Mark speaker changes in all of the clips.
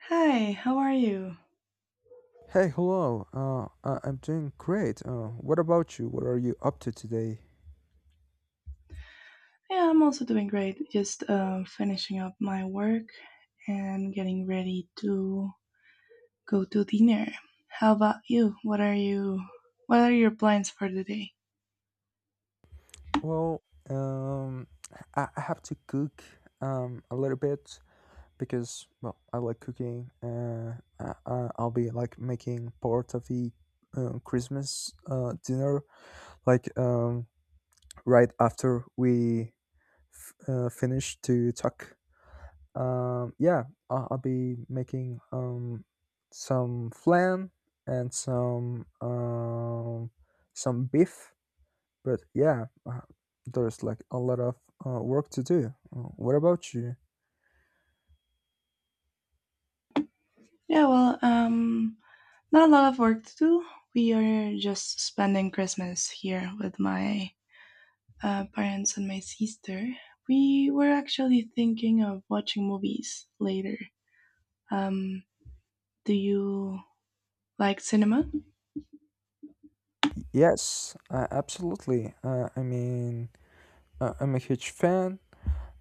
Speaker 1: Hi, how are you?
Speaker 2: Hey, hello. I'm doing great. What about you? What are you up to today?
Speaker 1: Yeah, I'm also doing great. Just finishing up my work and getting ready to go to dinner. How about you? What are you? What are your plans for the day?
Speaker 2: Well, um, I have to cook a little bit because well, I like cooking. I'll be like making part of the Christmas dinner, like right after we finish to talk. Yeah, I'll be making some flan and some beef. But yeah, there's like a lot of work to do. What about you?
Speaker 1: Yeah, well, not a lot of work to do. We are just spending Christmas here with my parents and my sister. We were actually thinking of watching movies later. Um, do you like cinema?
Speaker 2: Yes, absolutely. I mean, I'm a huge fan.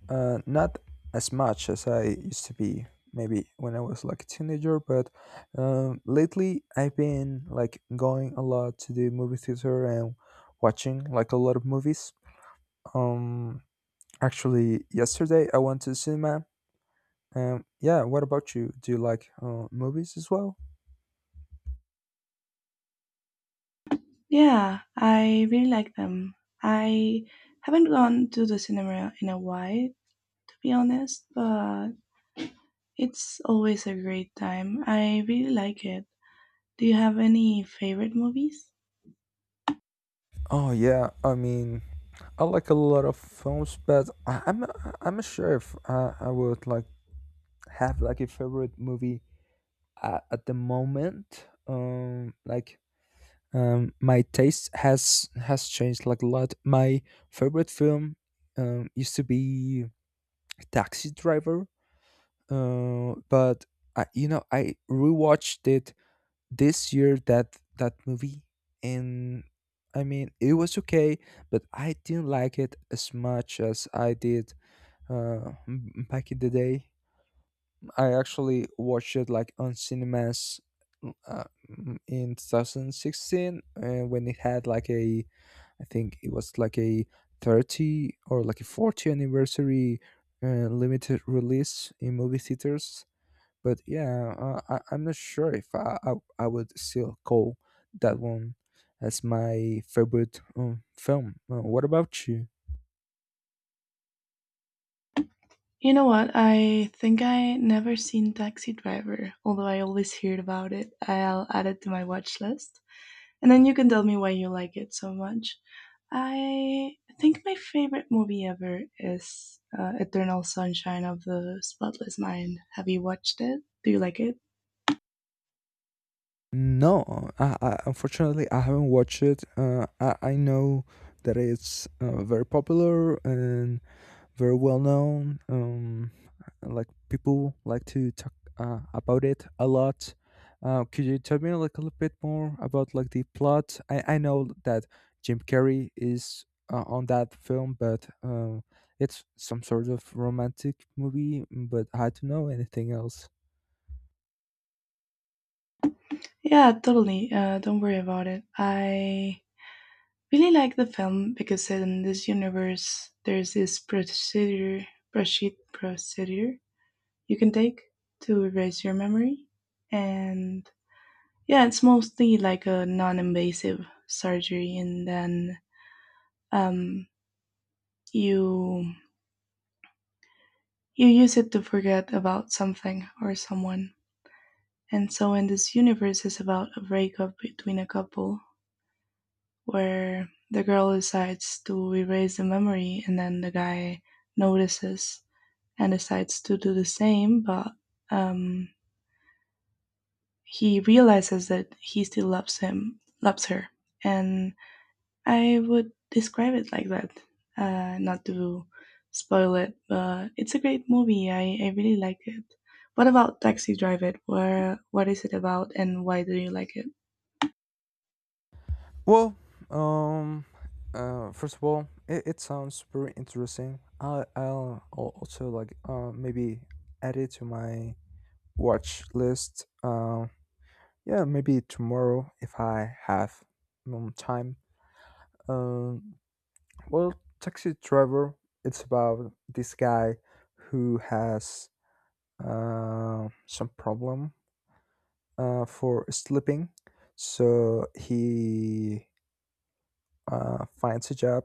Speaker 2: Not as much as I used to be, maybe when I was like a teenager, but lately I've been like going a lot to the movie theater and watching like a lot of movies. Um, actually, yesterday I went to the cinema. Yeah, what about you? Do you like movies as well?
Speaker 1: Yeah, I really like them. I haven't gone to the cinema in a while, to be honest, but it's always a great time. I really like it. Do you have any favorite movies?
Speaker 2: Oh yeah, I mean, I like a lot of films, but I'm not sure if I would like have like a favorite movie at the moment, my taste has changed like a lot. My favorite film used to be Taxi Driver, but I, you know I rewatched it this year, that movie. And I mean, it was okay, but I didn't like it as much as I did back in the day. I actually watched it like on cinemas, uh, in 2016 when it had like a, I think it was like a 30 or like a 40 anniversary, limited release in movie theaters. But yeah, I'm not sure if I would still call that one as my favorite film. What about you?
Speaker 1: You know what? I think I never seen Taxi Driver, although I always heard about it. I'll add it to my watch list, and then you can tell me why you like it so much. I think my favorite movie ever is Eternal Sunshine of the Spotless Mind. Have you watched it? Do you like it?
Speaker 2: No, unfortunately, I haven't watched it. I know that it's very popular and very well known. Like people like to talk about it a lot. Could you tell me like a little bit more about like the plot? I know that Jim Carrey is on that film, but it's some sort of romantic movie. But I don't know anything else.
Speaker 1: Yeah, totally. Don't worry about it. I really like the film because in this universe, there's this procedure, procedure you can take to erase your memory. And yeah, it's mostly like a non-invasive surgery, and then um, you use it to forget about something or someone. And so, in this universe, is about a breakup between a couple where the girl decides to erase the memory, and then the guy notices and decides to do the same, but um, he realizes that he still loves him, loves her, and I would describe it like that, not to spoil it, but it's a great movie. I really like it. What about Taxi Driver? Where what is it about, and why do you like it?
Speaker 2: Well, um, first of all, it sounds very interesting. I'll also like maybe add it to my watch list. Yeah, maybe tomorrow if I have time. Um, well, Taxi Driver. It's about this guy who has some problem for sleeping, so he finds a job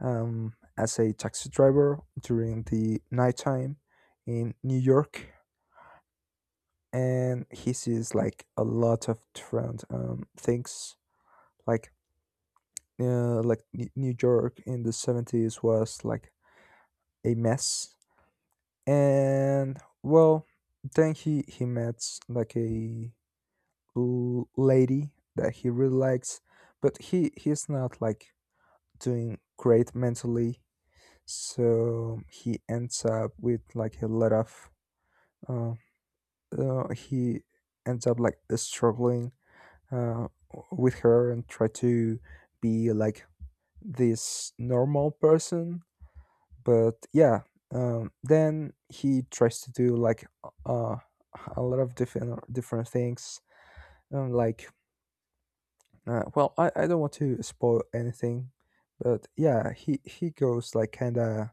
Speaker 2: as a taxi driver during the nighttime in New York, and he sees like a lot of different things. Like, New York in the 70s was like a mess. And well, then he met like a lady that he really likes, but he's not like doing great mentally, so he ends up with like a lot of uh, he ends up like struggling uh, with her and try to be like this normal person. But yeah, then he tries to do like uh, a lot of different things, um, like well, I don't want to spoil anything. But yeah, he goes like kind of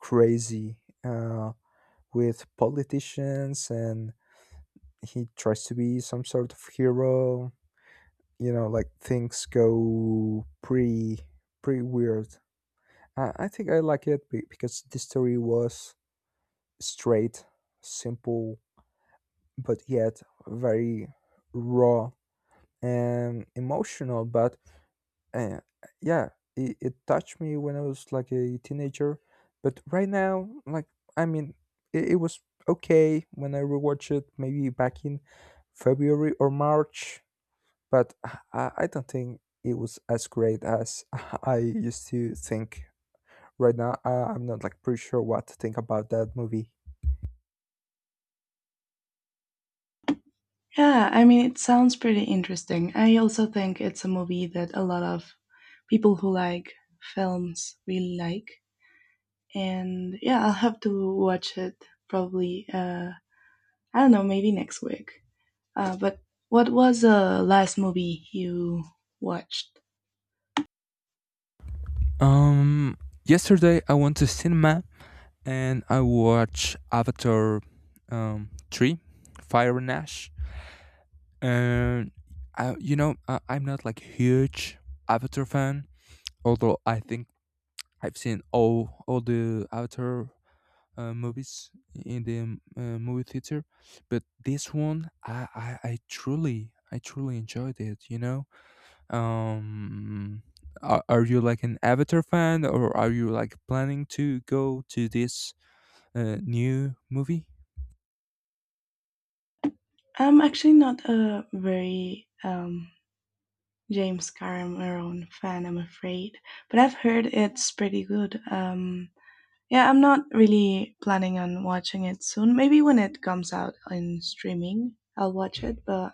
Speaker 2: crazy, uh, with politicians, and he tries to be some sort of hero. You know, like things go pretty weird. I think I like it because the story was straight, simple, but yet very raw and emotional. But uh, yeah, it touched me when I was like a teenager. But right now, like, I mean, it was okay when I rewatched it, maybe back in February or March. But I don't think it was as great as I used to think. Right now, I'm not like pretty sure what to think about that movie.
Speaker 1: Yeah, I mean it sounds pretty interesting. I also think it's a movie that a lot of people who like films really like, and yeah, I'll have to watch it probably. I don't know, maybe next week. But what was the last movie you watched?
Speaker 2: Um, Yesterday I went to cinema and I watched Avatar 3, Fire and Ash. And I, you know I, I'm not like huge Avatar fan, although I think I've seen all the Avatar movies in the movie theater. But this one, I truly enjoyed it. um are you like an Avatar fan or are you like planning to go to this new movie?
Speaker 1: I'm actually not a very James Cameron fan, I'm afraid, but I've heard it's pretty good. Yeah, I'm not really planning on watching it soon. Maybe when it comes out in streaming, I'll watch it. But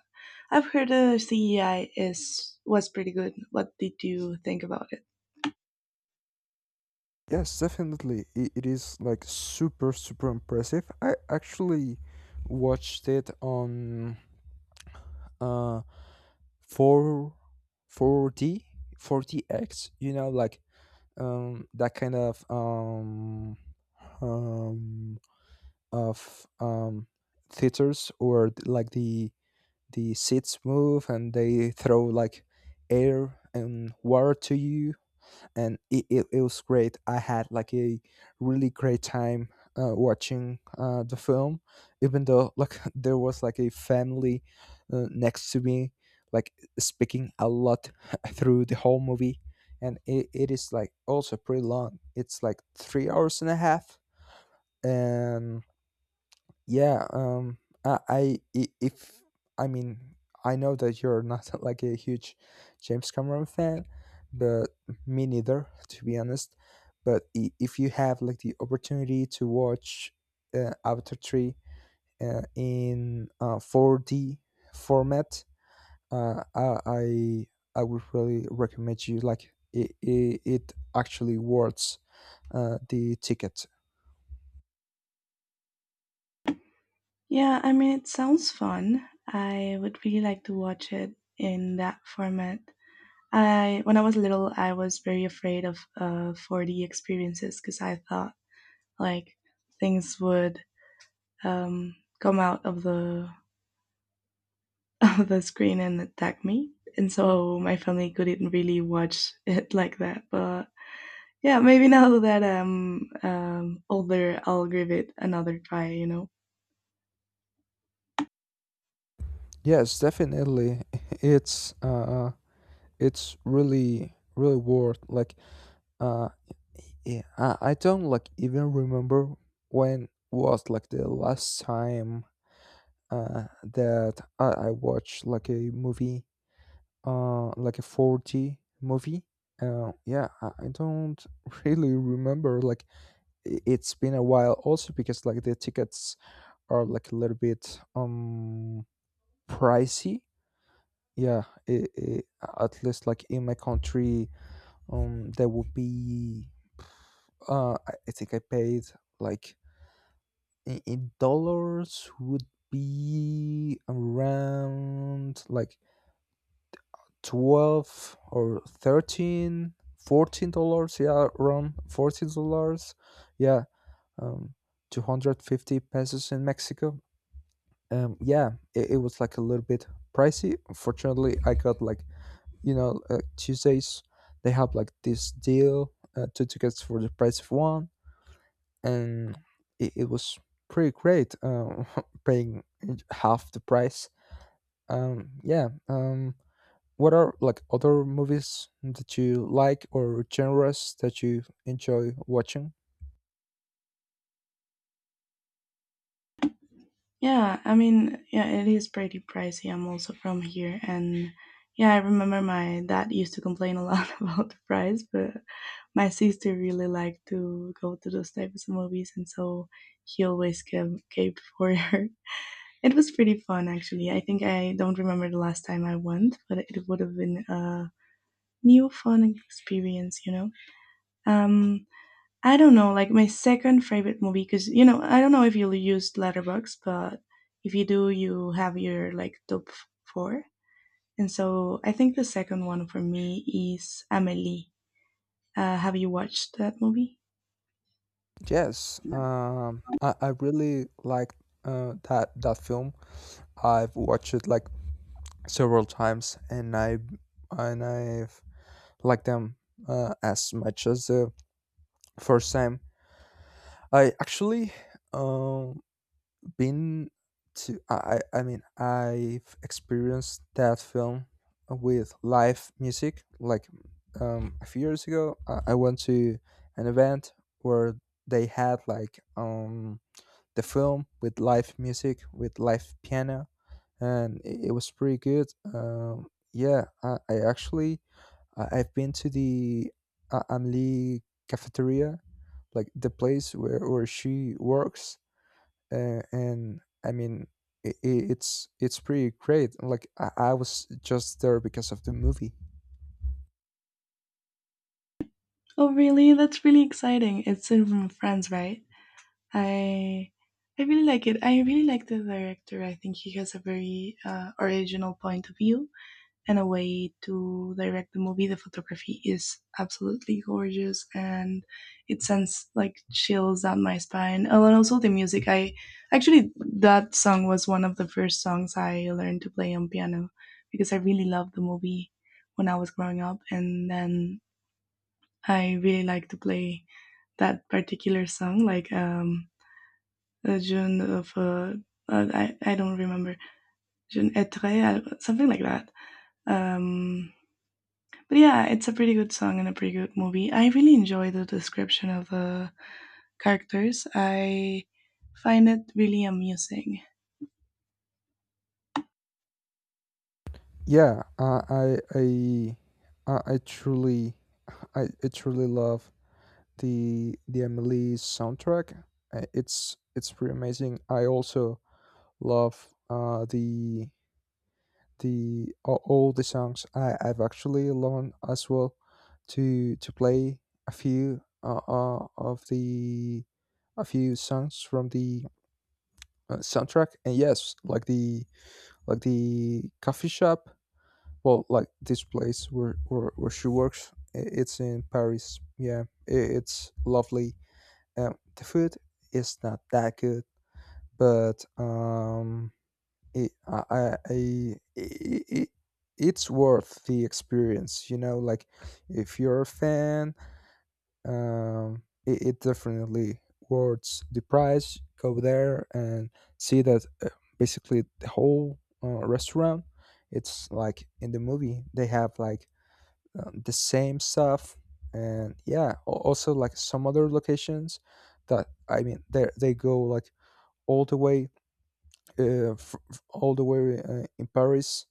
Speaker 1: I've heard the CGI is was pretty good. What did you think about it?
Speaker 2: Yes, definitely. It is like super, super impressive. I actually watched it on uh 4 4D 4DX, you know, like that kind of um of um theaters, or like the seats move and they throw like air and water to you. And it was great. I had like a really great time watching the film, even though like there was like a family next to me, like speaking a lot through the whole movie. And it is like also pretty long. It's like 3 hours and a half. And yeah, if I mean, I know that you're not like a huge James Cameron fan, but me neither, to be honest. But if you have like the opportunity to watch Avatar three in 4D format, uh, I I I would really recommend you. Like it actually worth the ticket.
Speaker 1: Yeah, I mean, it sounds fun. I would really like to watch it in that format. I when I was little, I was very afraid of 4D experiences because I thought like things would um come out of the of the screen and attack me. And so my family couldn't really watch it like that. But yeah, maybe now that I'm older, I'll give it another try, you know.
Speaker 2: Yes, definitely. It's uh, It's really worth, like, uh I don't like even remember when was like the last time that I watched like a movie, like a 4D movie. I don't really remember, like it's been a while, also because like the tickets are like a little bit pricey. Yeah, I at least like in my country, that would be, I think I paid like, in dollars would be around like 12 or 13, $14. Yeah, around $14. Yeah. um 250 pesos in Mexico. Yeah, it was like a little bit pricey. Fortunately, I got, like, you know, Tuesdays they have like this deal, two tickets for the price of one. And it was pretty great. Paying half the price. Yeah. What are like other movies that you like, or genres that you enjoy watching?
Speaker 1: Yeah, I mean, yeah, it is pretty pricey. I'm also from here, and yeah, I remember my dad used to complain a lot about the price, but my sister really liked to go to those types of movies, and so he always gave for her. It was pretty fun, actually. I think I don't remember the last time I went, but it would have been a new fun experience, you know. Um, I don't know, like my second favorite movie, because you know, I don't know if you used Letterbox, but if you do, you have your like top four. And so I think the second one for me is Amelie. Have you watched that movie?
Speaker 2: Yes.
Speaker 1: Yeah.
Speaker 2: I really like that film. I've watched it like several times, and I've liked them as much as the first time. I actually um been to, I mean, I've experienced that film with live music, like, a few years ago I went to an event where they had like the film with live music, with live piano, and it was pretty good. Yeah, I've been to the Amelie cafeteria, like the place where she works. And I mean, it's pretty great. Like I was just there because of the movie.
Speaker 1: Oh, really? That's really exciting. It's in from France, right? I I really like it. I really like the director. I think he has a very original point of view, and a way to direct the movie. The photography is absolutely gorgeous and it sends like chills down my spine. Oh, and also the music. I actually, that song was one of the first songs I learned to play on piano because I really loved the movie when I was growing up. And then I really like to play that particular song, like, June of, I don't remember, June Etre, something like that. Um, But yeah, it's a pretty good song and a pretty good movie. I really enjoy the description of the characters. I find it really amusing.
Speaker 2: Yeah, I I truly I truly love the Emily soundtrack. It's pretty amazing. I also love all the songs. I've actually learned as well to play a few uh, uh, of the a few songs from the soundtrack. And yes, like the coffee shop. Well, like this place where she works. It's in Paris. Yeah, it's lovely. The food is not that good, but it, I- it, it's worth the experience. You know, like if you're a fan, it definitely worth the price. Go there and see that basically the whole restaurant. It's like in the movie, they have like the same stuff, and yeah, also like some other locations that I mean, they go like all the way all the way, in Paris,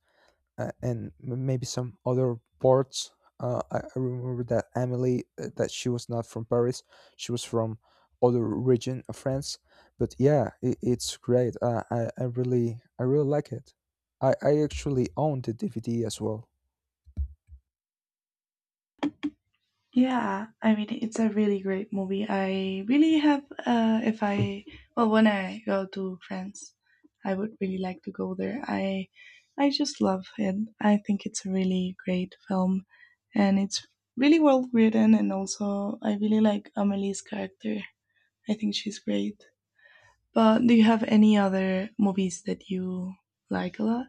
Speaker 2: and maybe some other ports. I remember that Emily, that she was not from Paris, she was from other region of France. But yeah, it's great. I really like it. I actually own the DVD as well.
Speaker 1: Yeah, I mean it's a really great movie. I really have if I well when I go to France, I would really like to go there. I just love it. I think it's a really great film and it's really well written, and also I really like Amelie's character. I think she's great. But do you have any other movies that you like a lot?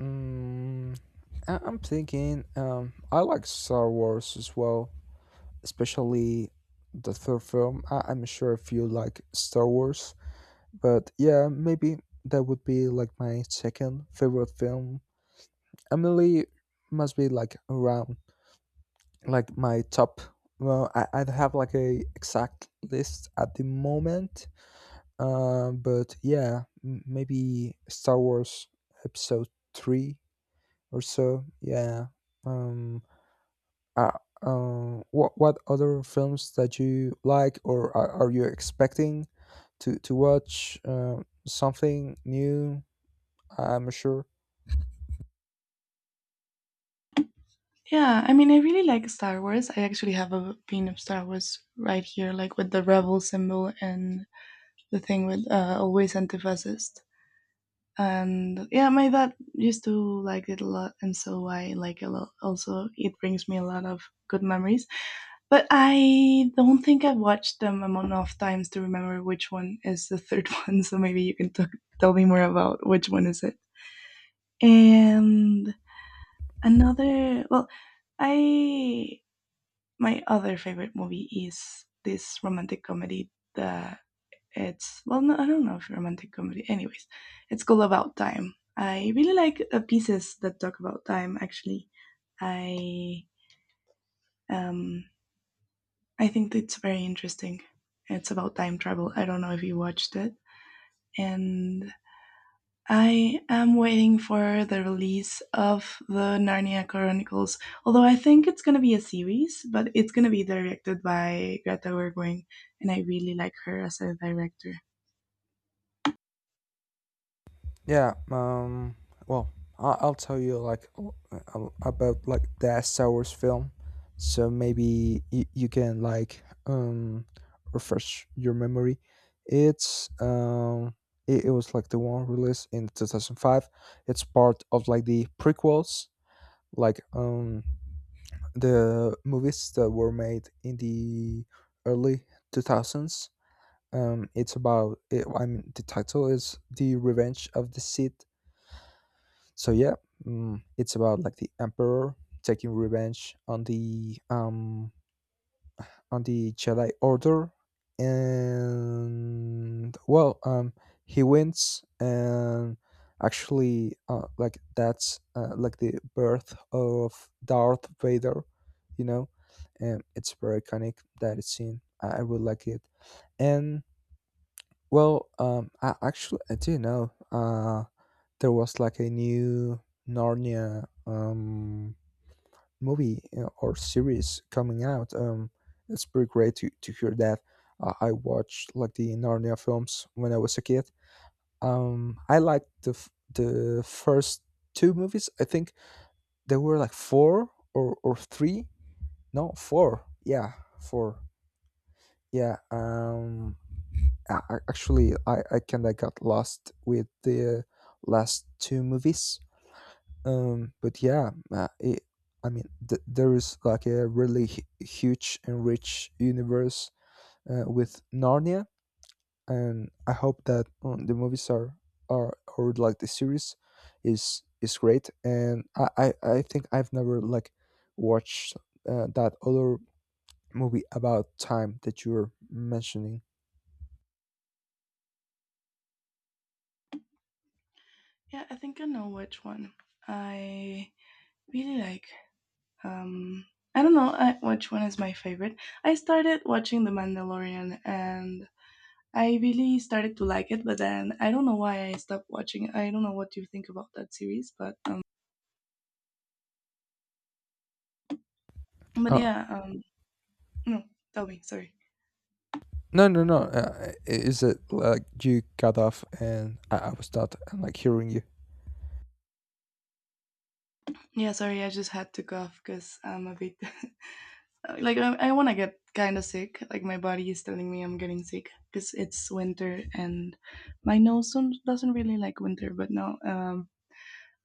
Speaker 2: Mm, I'm thinking. I like Star Wars as well, especially the third film. I'm sure if you like Star Wars. But yeah, maybe that would be like my second favorite film. Emily must be like around, like, my top. Well, I don't have like a exact list at the moment. But yeah, maybe Star Wars Episode Three or so. Yeah. Um. What other films that you like, or are you expecting to watch? Something new, I'm sure.
Speaker 1: Yeah, I mean, I really like Star Wars. I actually have a pin of Star Wars right here, like with the rebel symbol and the thing with always anti-fascist, and yeah, my dad used to like it a lot, and so I like it a lot. Also it brings me a lot of good memories, but I don't think I've watched them enough times to remember which one is the third one. So maybe you can tell me more about which one is it. And another, well I my other favorite movie is this romantic comedy the It's well, no, I don't know if romantic comedy. Anyways, it's called About Time. I really like pieces that talk about time. Actually, I um I think it's very interesting. It's about time travel. I don't know if you watched it, and I am waiting for the release of the Narnia Chronicles. Although I think it's gonna be a series, but it's gonna be directed by Greta Gerwig, and I really like her as a director.
Speaker 2: Yeah. Well, I'll tell you like, about like the Star Wars film, so maybe you can like refresh your memory. It's um it was like the one released in 2005. It's part of like the prequels, like the movies that were made in the early 2000s. It's about it, I mean the title is the Revenge of the Sith, so yeah, it's about like the emperor taking revenge on the Jedi Order. And well, he wins. And actually, like that's, like the birth of Darth Vader, you know, and it's very iconic, that it's scene. I really like it. And well, I actually I do know, there was like a new Narnia, movie, or series coming out. It's pretty great to hear that. I watched like the Narnia films when I was a kid. I liked the first two movies. I think there were like four or three. No, four. Yeah, four. Yeah. Actually, I kind of got lost with the last two movies, but yeah, I mean there is like a really huge and rich universe, with Narnia. And I hope that the movies are or like the series is great. And I think I've never like watched, that other movie about time that you were mentioning.
Speaker 1: Yeah, I think I know which one. I really like. Um, I don't know which one is my favorite. I started watching The Mandalorian and I really started to like it, but then I don't know why I stopped watching it. I don't know what you think about that series, but but
Speaker 2: uh
Speaker 1: yeah, um, no, tell me. Sorry.
Speaker 2: no, no, no. Is it like you got off, and I was not, like hearing you?
Speaker 1: Yeah, sorry. I just had to cough because I'm a bit like I want to get kind of sick. Like my body is telling me I'm getting sick because it's winter and my nose doesn't really like winter. But no, um,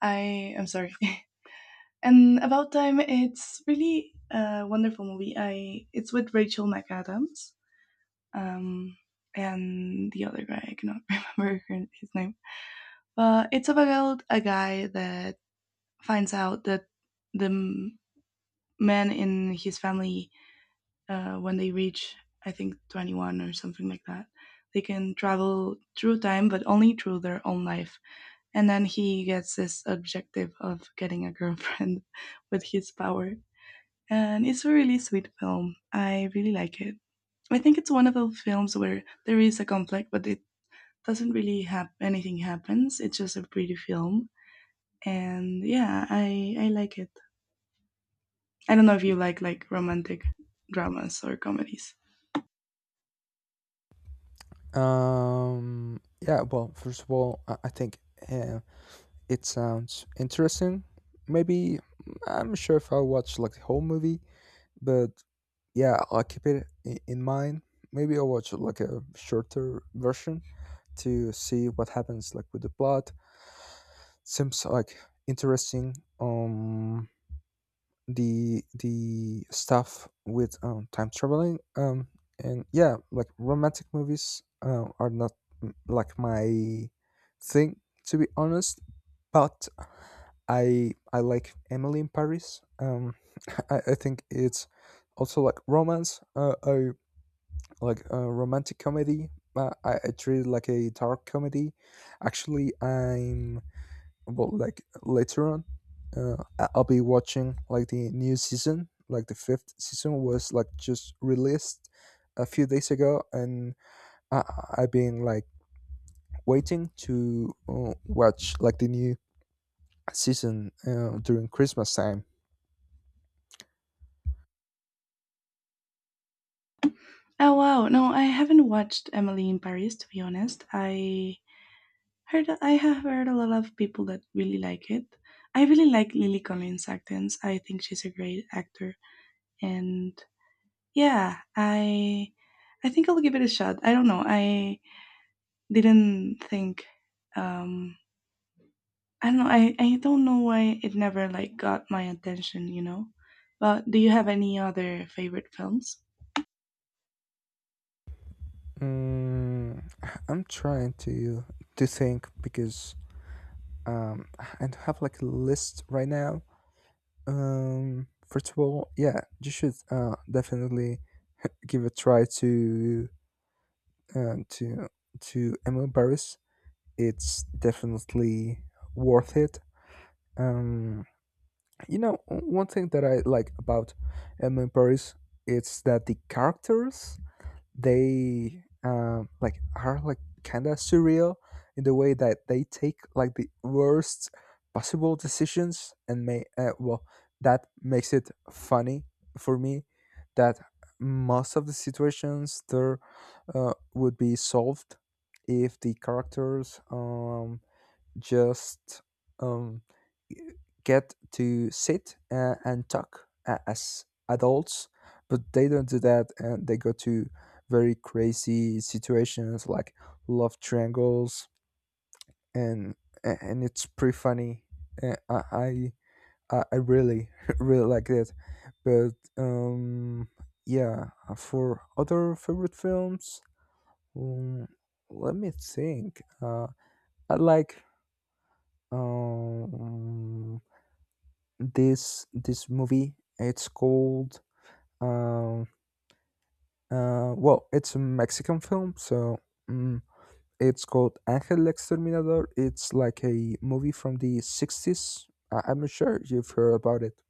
Speaker 1: I I'm sorry. And about time, it's really a wonderful movie. I it's with Rachel McAdams. Um, and the other guy I cannot remember her, his name. But it's about a guy that finds out that the m- men in his family, when they reach I think 21 or something like that. They can travel through time, but only through their own life. And then he gets this objective of getting a girlfriend with his power. And it's a really sweet film. I really like it. I think it's one of those films where there is a conflict, but it doesn't really have anything happens. It's just a pretty film. And yeah, I like it. I don't know if you like romantic dramas or comedies.
Speaker 2: Yeah, well, first of all, I think, uh, it sounds interesting. Maybe I'm sure if I watch like the whole movie, but yeah, I'll keep it in mind. Maybe I'll watch like a shorter version to see what happens, like with the plot. Seems like interesting. The stuff with, time traveling. And yeah, like romantic movies, are not, like my thing, to be honest. But I like Emily in Paris. I think it's also like romance. I like, romantic comedy. I treat it like a dark comedy. Actually, I'm but like later on, I'll be watching like the new season. Like the fifth season was like just released a few days ago, and I've been like waiting to, watch like the new season, during Christmas time.
Speaker 1: Oh wow, no, I haven't watched Emily in Paris to be honest. I have heard a lot of people that really like it. I really like Lily Collins' actance. I think she's a great actor, and yeah, I think I'll give it a shot. I don't know. I didn't think. Um, I don't know. I don't know why it never like got my attention, you know. But do you have any other favorite films?
Speaker 2: Mm, i'm trying to think, because I don't have like a list right now. First of all, yeah, you should, definitely give a try uh, to to Emily Paris. It's definitely worth it. Um, One thing that I like about Emily Paris, it's that the characters, they, like are like kind of surreal, in the way that they take like the worst possible decisions. And may, well, that makes it funny for me, that most of the situations, they're, would be solved if the characters, just um, g- get to sit, and talk as adults. But they don't do that, and they go to very crazy situations, like love triangles, and and it's pretty funny. Uh, I I I really really like it. But yeah. For other favorite films, um, let me think. I like, um, this movie. It's called, um, well, it's a Mexican film, so um, it's called Angel Exterminador. It's like a movie from the 60s. I'm not sure you've heard about it.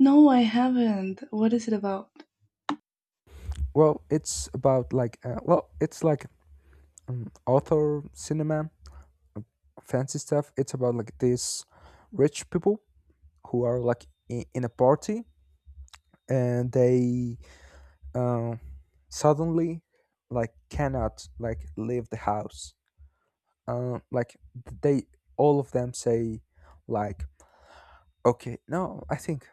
Speaker 1: No, I haven't. What is it about?
Speaker 2: Well, it's about like, well, it's like, author cinema, fancy stuff. It's about like these rich people, who are like in a party. And they, um, suddenly like cannot like leave the house. Like they, all of them say like, okay, no, I think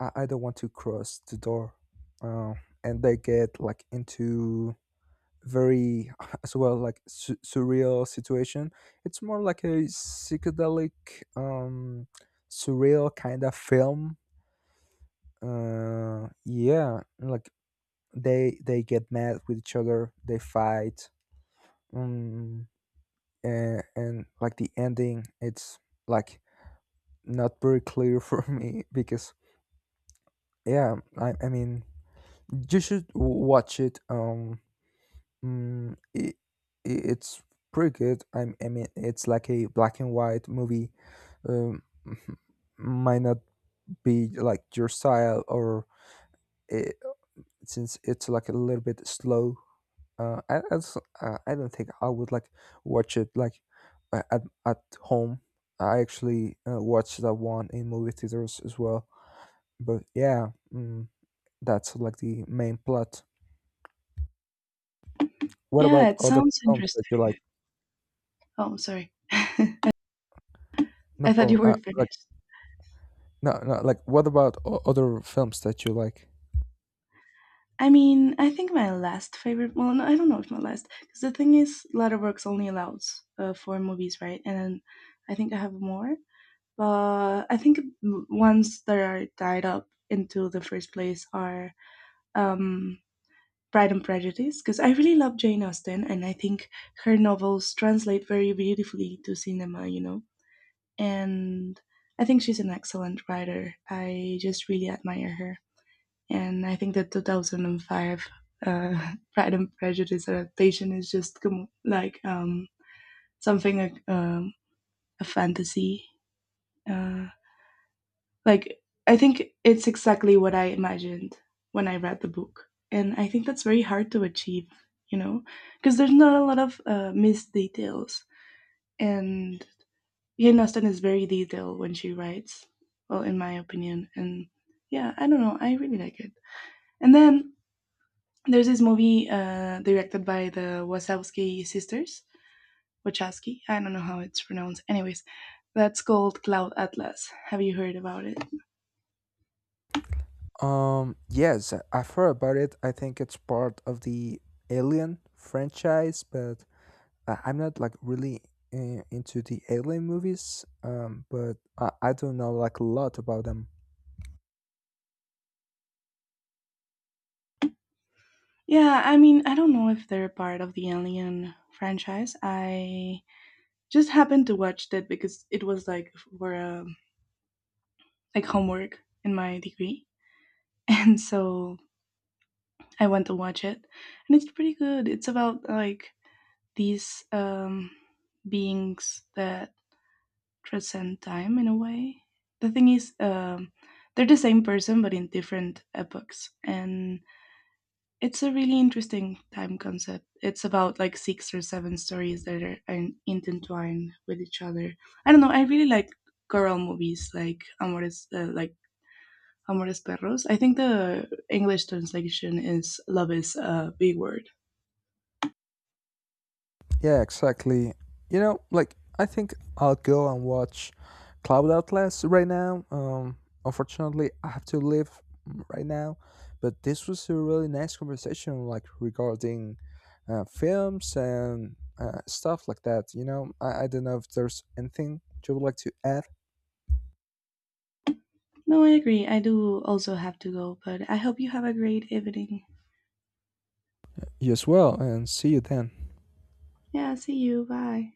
Speaker 2: I don't want to cross the door. um and they get like into very as well, like surreal situation. It's more like a psychedelic, um surreal kind of film. Yeah, like they get mad with each other, they fight, um, and like the ending, it's like not very clear for me. Because, yeah, I mean, you should watch it. Um mm, it, it's pretty good. I mean, it's like a black and white movie. um, might not be like your style, or it, since it's like a little bit slow, I don't think I would like watch it like, uh, at at home. I actually, watched that one in movie theaters as well. But yeah, that's like the main plot. What
Speaker 1: Yeah,
Speaker 2: about
Speaker 1: it
Speaker 2: other
Speaker 1: sounds
Speaker 2: films that you like?
Speaker 1: interesting. Oh, sorry.
Speaker 2: No
Speaker 1: I thought
Speaker 2: problem.
Speaker 1: you were
Speaker 2: Uh, like
Speaker 1: finished.
Speaker 2: no, no. Like what about other films that you like?
Speaker 1: I mean, I think my last favorite. Well, no, I don't know if my last, because the thing is, Letterboxd only allows four movies, right? And then I think I have more, but I think ones that are tied up into the first place are um Pride and Prejudice, because I really love Jane Austen and I think her novels translate very beautifully to cinema, you know. And I think she's an excellent writer. I just really admire her. And I think that 2005 Pride and Prejudice adaptation is just like something like a fantasy, uh, like I think it's exactly what I imagined when I read the book, and I think that's very hard to achieve, you know, because there's not a lot of missed details, and Jane Austen is very detailed when she writes, well, in my opinion. And yeah, I don't know, I really like it. And then there's this movie directed by the Wachowski sisters, Wachowski, I don't know how it's pronounced, anyways. That's called Cloud Atlas. Have you heard about it?
Speaker 2: Yes, I've heard about it. I think it's part of the Alien franchise. But I'm not like really, into the alien movies, but I don't know like a lot about them.
Speaker 1: Yeah, I mean, I don't know if they're part of the Alien franchise. I just happened to watch it because it was like for like homework in my degree, and so I went to watch it, and it's pretty good. It's about like these beings that transcend time in a way. The thing is, they're the same person but in different epochs, and it's a really interesting time concept. It's about like six or seven stories that are intertwined with each other. I don't know. I really like choral movies, like Amores Perros. I think the English translation is love is a big word.
Speaker 2: Yeah, exactly. Like I think I'll go and watch Cloud Atlas right now. Unfortunately, I have to leave right now. But this was a really nice conversation, like regarding films and stuff like that. I don't know if there's anything you would like to add.
Speaker 1: No, I agree. I do also have to go, but I hope you have a great evening.
Speaker 2: You as well, and see you then.
Speaker 1: Yeah, see you. Bye.